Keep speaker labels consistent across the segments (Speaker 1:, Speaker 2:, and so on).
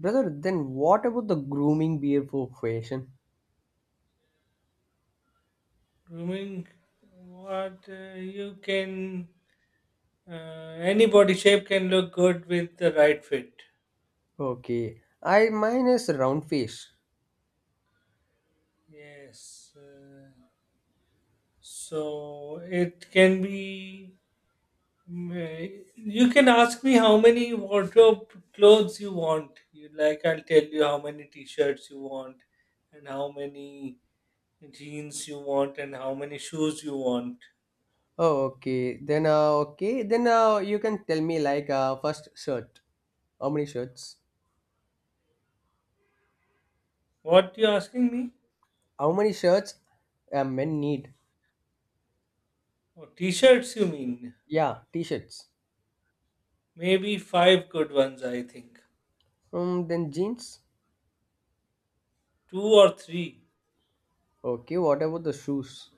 Speaker 1: Brother, then what about the grooming beer for fashion?
Speaker 2: Grooming, what uh, you can, uh, any body shape can look good with the right fit.
Speaker 1: Okay, I mine is round face.
Speaker 2: Yes. So it can be. You can ask me how many wardrobe clothes you want. You like, I'll tell you how many t-shirts you want, and how many jeans you want, and how many shoes you want.
Speaker 1: Oh, okay. Then okay. Then you can tell me like first shirt. How many shirts?
Speaker 2: What you asking me?
Speaker 1: How many shirts men need?
Speaker 2: Oh, t-shirts you mean?
Speaker 1: Yeah, t-shirts.
Speaker 2: Maybe five good ones, I think.
Speaker 1: Then jeans.
Speaker 2: Two or three.
Speaker 1: Okay, what about the shoes?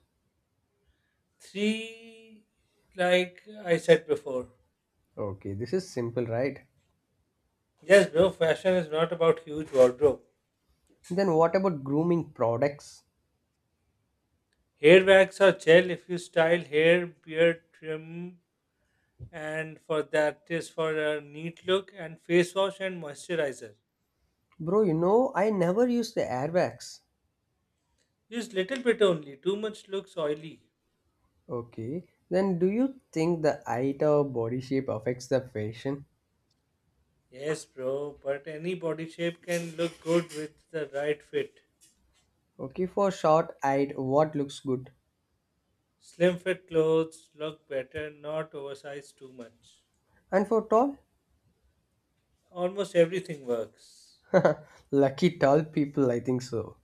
Speaker 2: Three, like I said before.
Speaker 1: Okay, this is simple, right?
Speaker 2: Yes, bro, fashion is not about huge wardrobe.
Speaker 1: Then what about grooming products?
Speaker 2: Hair wax or gel if you style hair, beard, trim, and for that is for a neat look, and face wash and moisturizer.
Speaker 1: Bro, you know I never use the airbags.
Speaker 2: Use little bit only, too much looks oily.
Speaker 1: Okay, then do you think the height or body shape affects the fashion?
Speaker 2: Yes, bro, but any body shape can look good with the right fit.
Speaker 1: Okay, for short height, what looks good?
Speaker 2: Slim fit clothes look better, not oversized too much.
Speaker 1: And for tall?
Speaker 2: Almost everything works.
Speaker 1: Lucky tall people, I think so.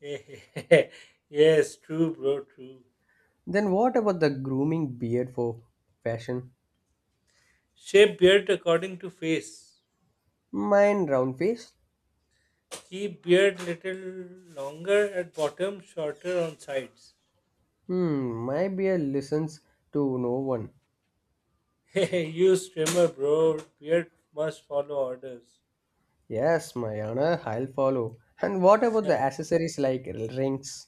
Speaker 2: Yes, true, bro, true.
Speaker 1: Then what about the grooming beard for fashion?
Speaker 2: Shape beard according to face.
Speaker 1: Mine round face?
Speaker 2: Keep beard little longer at bottom, shorter on sides.
Speaker 1: Hmm, my beard listens to no one.
Speaker 2: Use trimmer, bro. Beard must follow orders.
Speaker 1: Yes, my honor, I'll follow. And what about the accessories like rings?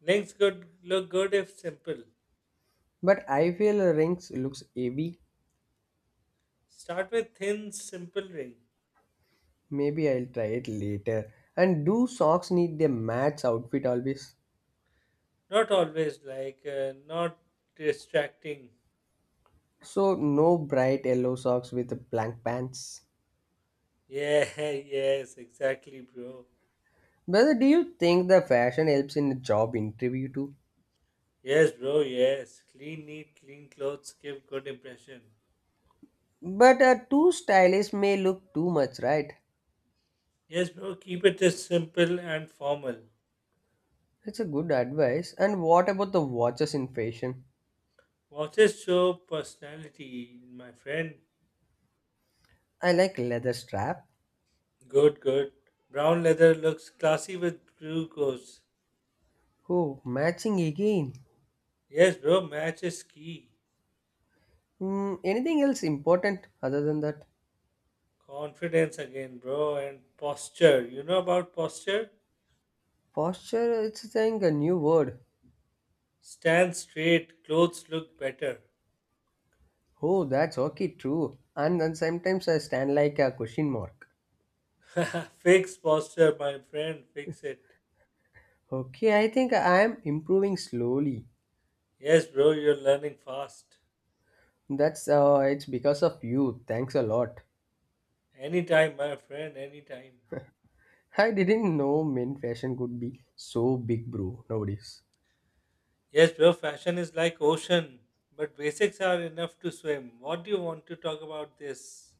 Speaker 2: Links good look good if simple.
Speaker 1: But I feel rings looks heavy.
Speaker 2: Start with thin, simple ring.
Speaker 1: Maybe I'll try it later. And do socks need their match outfit always?
Speaker 2: Not always like, not distracting.
Speaker 1: So no bright yellow socks with blank pants.
Speaker 2: Yeah, yes, exactly, bro.
Speaker 1: Brother, do you think the fashion helps in the job interview too?
Speaker 2: Yes, bro, yes. Clean, neat, clean clothes give good impression.
Speaker 1: But too stylish may look too much, right?
Speaker 2: Yes, bro, keep it as simple and formal.
Speaker 1: That's a good advice. And what about the watches in fashion?
Speaker 2: Watches show personality, my friend.
Speaker 1: I like leather strap.
Speaker 2: Good, good. Brown leather looks classy with blue goes.
Speaker 1: Oh, matching again.
Speaker 2: Yes, bro, match is key.
Speaker 1: Hmm, anything else important other than that?
Speaker 2: Confidence again, bro, and posture. You know about posture?
Speaker 1: Posture, it's saying a new word.
Speaker 2: Stand straight, clothes look better.
Speaker 1: Oh, that's okay too. And then sometimes I stand like a question mark.
Speaker 2: Fix posture, my friend, fix it.
Speaker 1: Okay, I think I am improving slowly.
Speaker 2: Yes, bro, you're learning fast.
Speaker 1: That's it's because of you. Thanks a lot.
Speaker 2: Anytime, my friend, anytime.
Speaker 1: I didn't know men fashion could be so big, bro. Nowadays,
Speaker 2: Yes, bro, fashion is like ocean, but basics are enough to swim. What do you want to talk about this?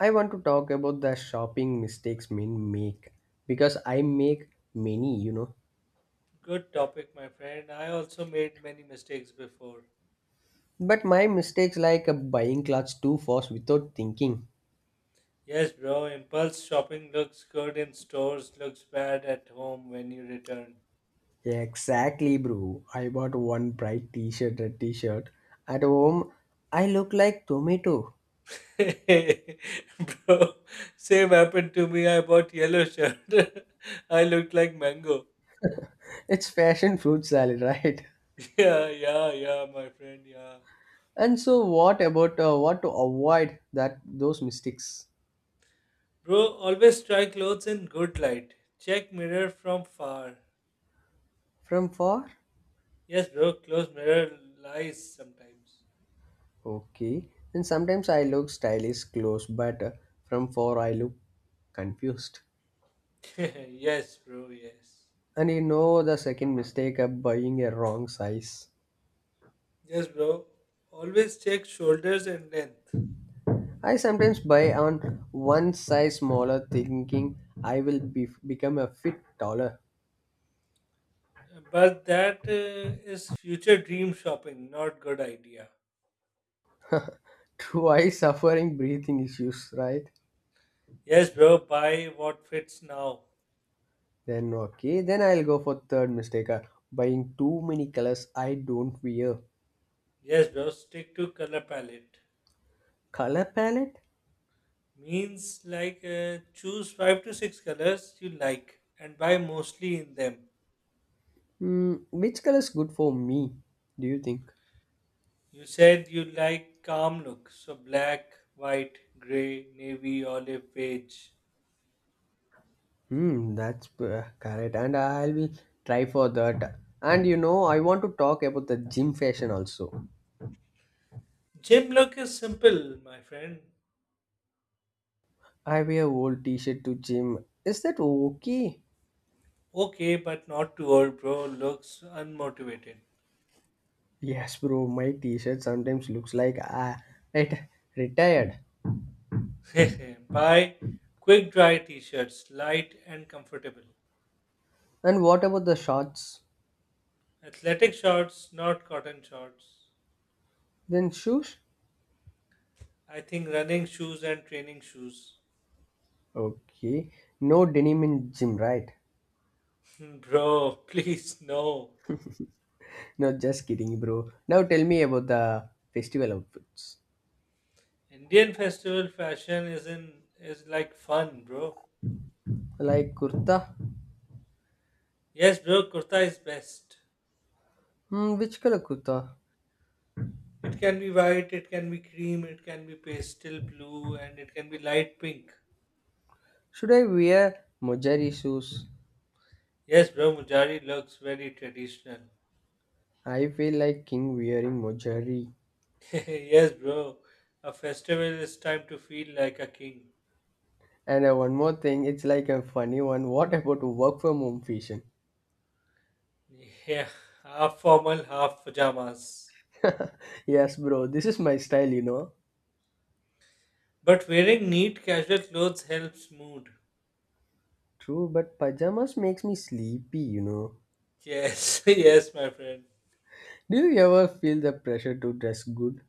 Speaker 1: I want to talk about the shopping mistakes men make because I make many, you know.
Speaker 2: Good topic, my friend. I also made many mistakes before.
Speaker 1: But my mistakes like buying clothes too fast without thinking.
Speaker 2: Yes, bro, impulse shopping looks good in stores, looks bad at home when you return.
Speaker 1: Yeah, exactly, bro. I bought one bright t-shirt, red t-shirt. At home, I look like tomato.
Speaker 2: Bro, same happened to me. I bought yellow shirt. I looked like mango.
Speaker 1: It's fashion fruit salad, right?
Speaker 2: Yeah, yeah, yeah, my friend, yeah.
Speaker 1: And so, what about what to avoid that those mistakes
Speaker 2: Bro, always try clothes in good light. Check mirror from far.
Speaker 1: from far?
Speaker 2: Yes, bro, close mirror lies sometimes.
Speaker 1: Okay. And sometimes I look stylish close, but from far I look confused.
Speaker 2: Yes, bro, yes.
Speaker 1: And you know the second mistake of buying a wrong size.
Speaker 2: Yes, bro. Always check shoulders and length.
Speaker 1: I sometimes buy on one size smaller, thinking become a fit taller.
Speaker 2: But that is future dream shopping, not good idea.
Speaker 1: Twice suffering breathing issues, right?
Speaker 2: Yes, bro, buy what fits now.
Speaker 1: Then okay, then I'll go for third mistake. Buying too many colors I don't wear.
Speaker 2: Yes, bro, stick to color palette.
Speaker 1: Color palette?
Speaker 2: Means like choose five to six colors you like and buy mostly in them.
Speaker 1: Hmm, which color is good for me? Do you think?
Speaker 2: You said you like calm look, so black, white, grey, navy, olive, beige.
Speaker 1: Hmm, that's correct, and I will try for that. And you know, I want to talk about the gym fashion also.
Speaker 2: Gym look is simple, my friend.
Speaker 1: I wear old t-shirt to gym. Is that okay?
Speaker 2: Okay, but not too old, bro. Looks unmotivated.
Speaker 1: Yes, bro, my t-shirt sometimes looks like ah, it retired.
Speaker 2: Buy quick dry t shirts, light and comfortable.
Speaker 1: And what about the shorts?
Speaker 2: Athletic shorts, not cotton shorts.
Speaker 1: Then shoes?
Speaker 2: I think running shoes and training shoes.
Speaker 1: Okay, no denim in gym, right?
Speaker 2: Bro, please no.
Speaker 1: No, just kidding, bro. Now tell me about the festival outfits.
Speaker 2: Indian festival fashion is like fun, bro.
Speaker 1: Like kurta?
Speaker 2: Yes, bro, kurta is best.
Speaker 1: Hmm, which color kurta?
Speaker 2: It can be white, it can be cream, it can be pastel blue, and it can be light pink.
Speaker 1: Should I wear mojari shoes?
Speaker 2: Yes, bro, Mujari looks very traditional.
Speaker 1: I feel like king wearing mojari.
Speaker 2: Yes, bro, a festival is time to feel like a king.
Speaker 1: And one more thing, it's like a funny one. What about work from home fashion?
Speaker 2: Yeah, half formal, half pajamas.
Speaker 1: yes, bro, this is my style, you know.
Speaker 2: But wearing neat casual clothes helps mood.
Speaker 1: True, but pajamas makes me sleepy, you know.
Speaker 2: Yes, yes, my friend.
Speaker 1: Do you ever feel the pressure to dress good?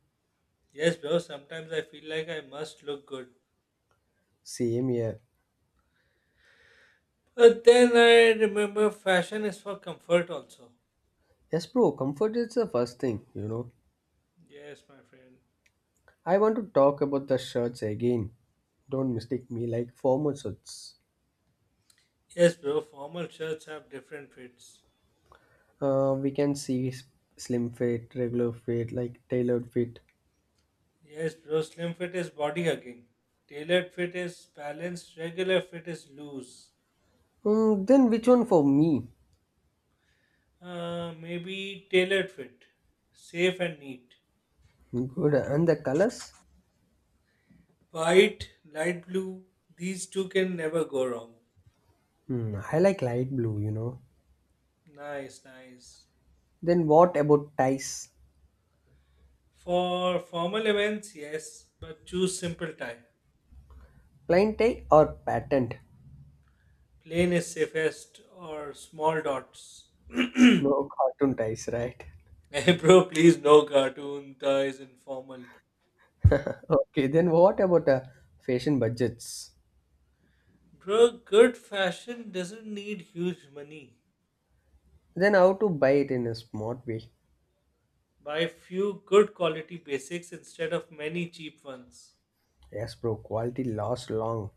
Speaker 2: Yes, bro, sometimes I feel like I must look good.
Speaker 1: Same here.
Speaker 2: But then I remember fashion is for comfort also.
Speaker 1: Yes, bro, comfort is the first thing, you know.
Speaker 2: Yes, my friend.
Speaker 1: I want to talk about the shirts again. Don't mistake me like formal shirts.
Speaker 2: Yes, bro, formal shirts have different fits.
Speaker 1: We can see slim fit, regular fit, like tailored fit.
Speaker 2: Yes, bro. Slim fit is body hugging. Tailored fit is balanced. Regular fit is loose.
Speaker 1: Mm, then which one for me?
Speaker 2: Maybe tailored fit. Safe and neat.
Speaker 1: Good. And the colors?
Speaker 2: White, light blue. These two can never go wrong.
Speaker 1: Hmm, I like light blue, you know.
Speaker 2: Nice, nice.
Speaker 1: Then what about ties?
Speaker 2: For formal events, yes, but choose simple tie.
Speaker 1: Plain tie or patterned?
Speaker 2: Plain is safest or small dots.
Speaker 1: No cartoon ties, right?
Speaker 2: Hey, bro, please no cartoon ties informal.
Speaker 1: Okay, then what about fashion budgets?
Speaker 2: Bro, good fashion doesn't need huge money.
Speaker 1: Then how to buy it in a smart way?
Speaker 2: Buy few good quality basics instead of many cheap ones.
Speaker 1: Yes, bro, quality lasts long.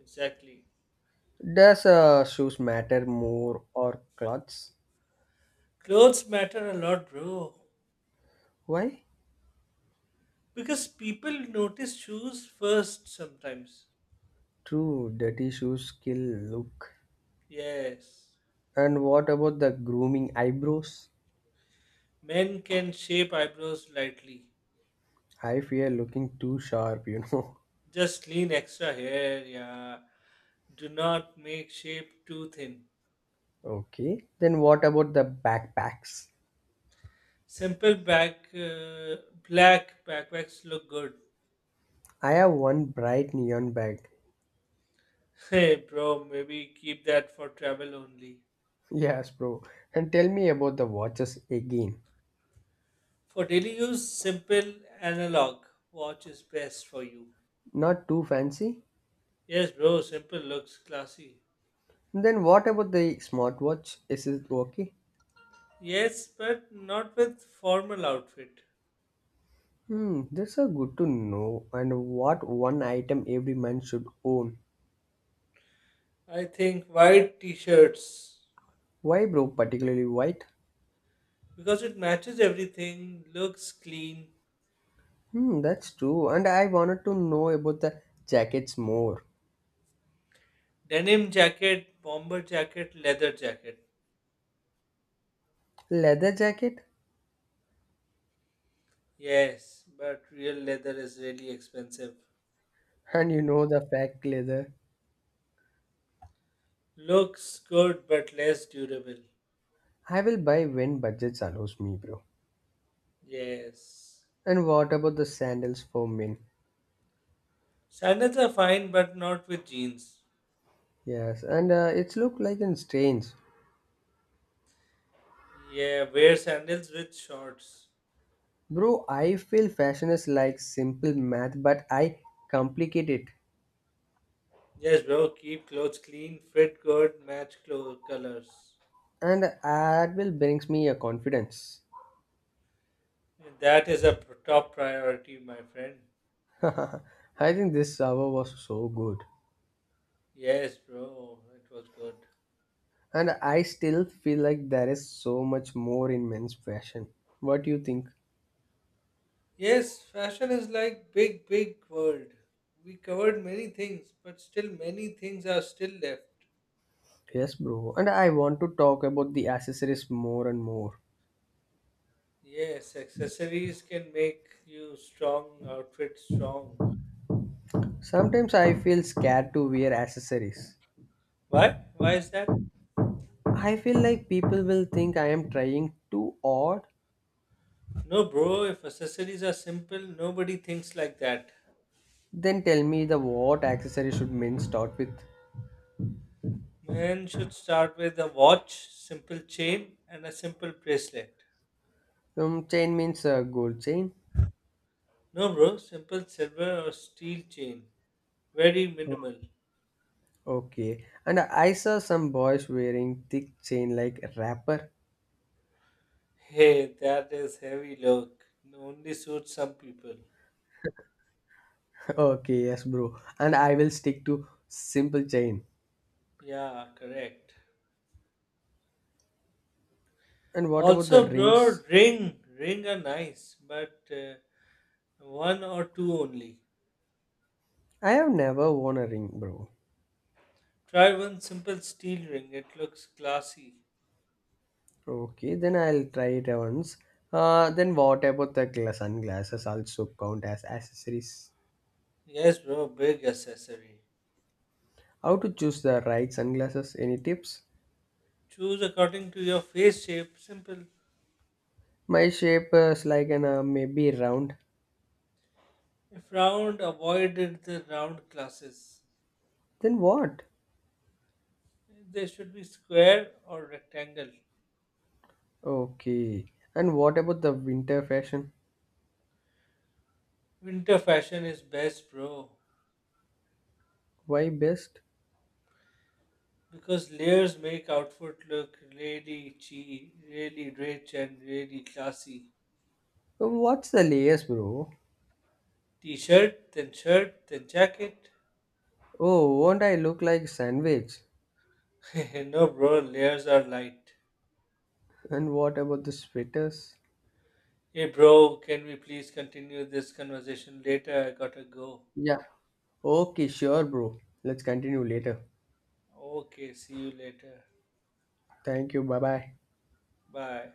Speaker 2: Exactly.
Speaker 1: Does shoes matter more or clothes?
Speaker 2: Clothes matter a lot, bro.
Speaker 1: Why?
Speaker 2: Because people notice shoes first sometimes.
Speaker 1: True, dirty shoes kill look.
Speaker 2: Yes.
Speaker 1: And what about the grooming eyebrows?
Speaker 2: Men can shape eyebrows lightly.
Speaker 1: I fear looking too sharp, you know.
Speaker 2: Just lean extra hair, yeah. Do not make shape too thin.
Speaker 1: Okay, then what about the backpacks?
Speaker 2: Simple black backpacks look good.
Speaker 1: I have one bright neon bag.
Speaker 2: Hey, bro, maybe keep that for travel only.
Speaker 1: Yes, bro. And tell me about the watches again.
Speaker 2: For daily use, simple analog watch is best for you.
Speaker 1: Not too fancy?
Speaker 2: Yes, bro, simple looks classy.
Speaker 1: Then what about the smartwatch? Is it okay?
Speaker 2: Yes, but not with formal outfit.
Speaker 1: Hmm, that's a good to know. And what one item every man should own?
Speaker 2: I think white t-shirts
Speaker 1: Why, bro? Particularly white?
Speaker 2: because it matches everything, looks clean.
Speaker 1: Hmm, that's true. And I wanted to know about the jackets more.
Speaker 2: Denim jacket, bomber jacket, leather jacket.
Speaker 1: Leather jacket?
Speaker 2: Yes, but real leather is really expensive.
Speaker 1: And you know the fact leather.
Speaker 2: Looks good but less durable.
Speaker 1: I will buy when budgets allows me, bro.
Speaker 2: Yes.
Speaker 1: And what about the sandals for men?
Speaker 2: Sandals are fine but not with jeans.
Speaker 1: Yes, and it's look like in strange.
Speaker 2: Yeah, wear sandals with shorts.
Speaker 1: Bro, I feel fashion is like simple math, but I complicate it.
Speaker 2: Yes, bro. Keep clothes clean, fit good, match clothes colors.
Speaker 1: And that will brings me a confidence.
Speaker 2: That is a top priority, my friend.
Speaker 1: I think this hour was so good.
Speaker 2: Yes, bro. It was good.
Speaker 1: And I still feel like there is so much more in men's fashion. What do you think?
Speaker 2: Yes, fashion is like big, big world. We covered many things, but still many things are still left.
Speaker 1: Yes, bro. And I want to talk about the accessories more and more.
Speaker 2: Yes, accessories can make you strong, outfit strong.
Speaker 1: Sometimes I feel scared to wear accessories.
Speaker 2: Why? Why is that?
Speaker 1: I feel like people will think I am trying too odd.
Speaker 2: No, bro. If accessories are simple, nobody thinks like that.
Speaker 1: Then tell me the what accessory should mean start with.
Speaker 2: Men should start with a watch, simple chain, and a simple bracelet.
Speaker 1: Chain means gold chain.
Speaker 2: No, bro, simple silver or steel chain. Very
Speaker 1: Oh,
Speaker 2: minimal.
Speaker 1: okay. And I saw some boys wearing thick chain like wrapper.
Speaker 2: Hey, that is heavy look. Only suits some people.
Speaker 1: okay, yes, bro. And I will stick to simple chain.
Speaker 2: Yeah, correct.
Speaker 1: And what about the
Speaker 2: Also, bro,
Speaker 1: rings?
Speaker 2: ring. Are nice, but one or two only.
Speaker 1: I have never worn a ring, bro.
Speaker 2: Try one simple steel ring. It looks classy.
Speaker 1: Okay, then I'll try it once. Then what about the sunglasses also count as accessories?
Speaker 2: Yes, bro, big accessory.
Speaker 1: How to choose the right sunglasses? Any tips?
Speaker 2: Choose according to your face shape. Simple.
Speaker 1: My shape is like an maybe round.
Speaker 2: If round avoided the round glasses,
Speaker 1: Then what?
Speaker 2: they should be square or rectangle.
Speaker 1: Okay. And what about the winter fashion?
Speaker 2: Winter fashion is best, bro,
Speaker 1: Why best?
Speaker 2: because layers make outfit look really cheap, really rich, and really classy.
Speaker 1: Oh, what's the layers, bro?
Speaker 2: T-shirt, then shirt, then jacket.
Speaker 1: Oh, won't I look like sandwich?
Speaker 2: No, bro, layers are light.
Speaker 1: And what about the sweaters?
Speaker 2: Hey, bro, can we please continue this conversation later? I gotta go.
Speaker 1: Yeah. Okay, sure, bro. Let's continue later.
Speaker 2: Okay, see you later.
Speaker 1: Thank you. Bye bye.
Speaker 2: Bye.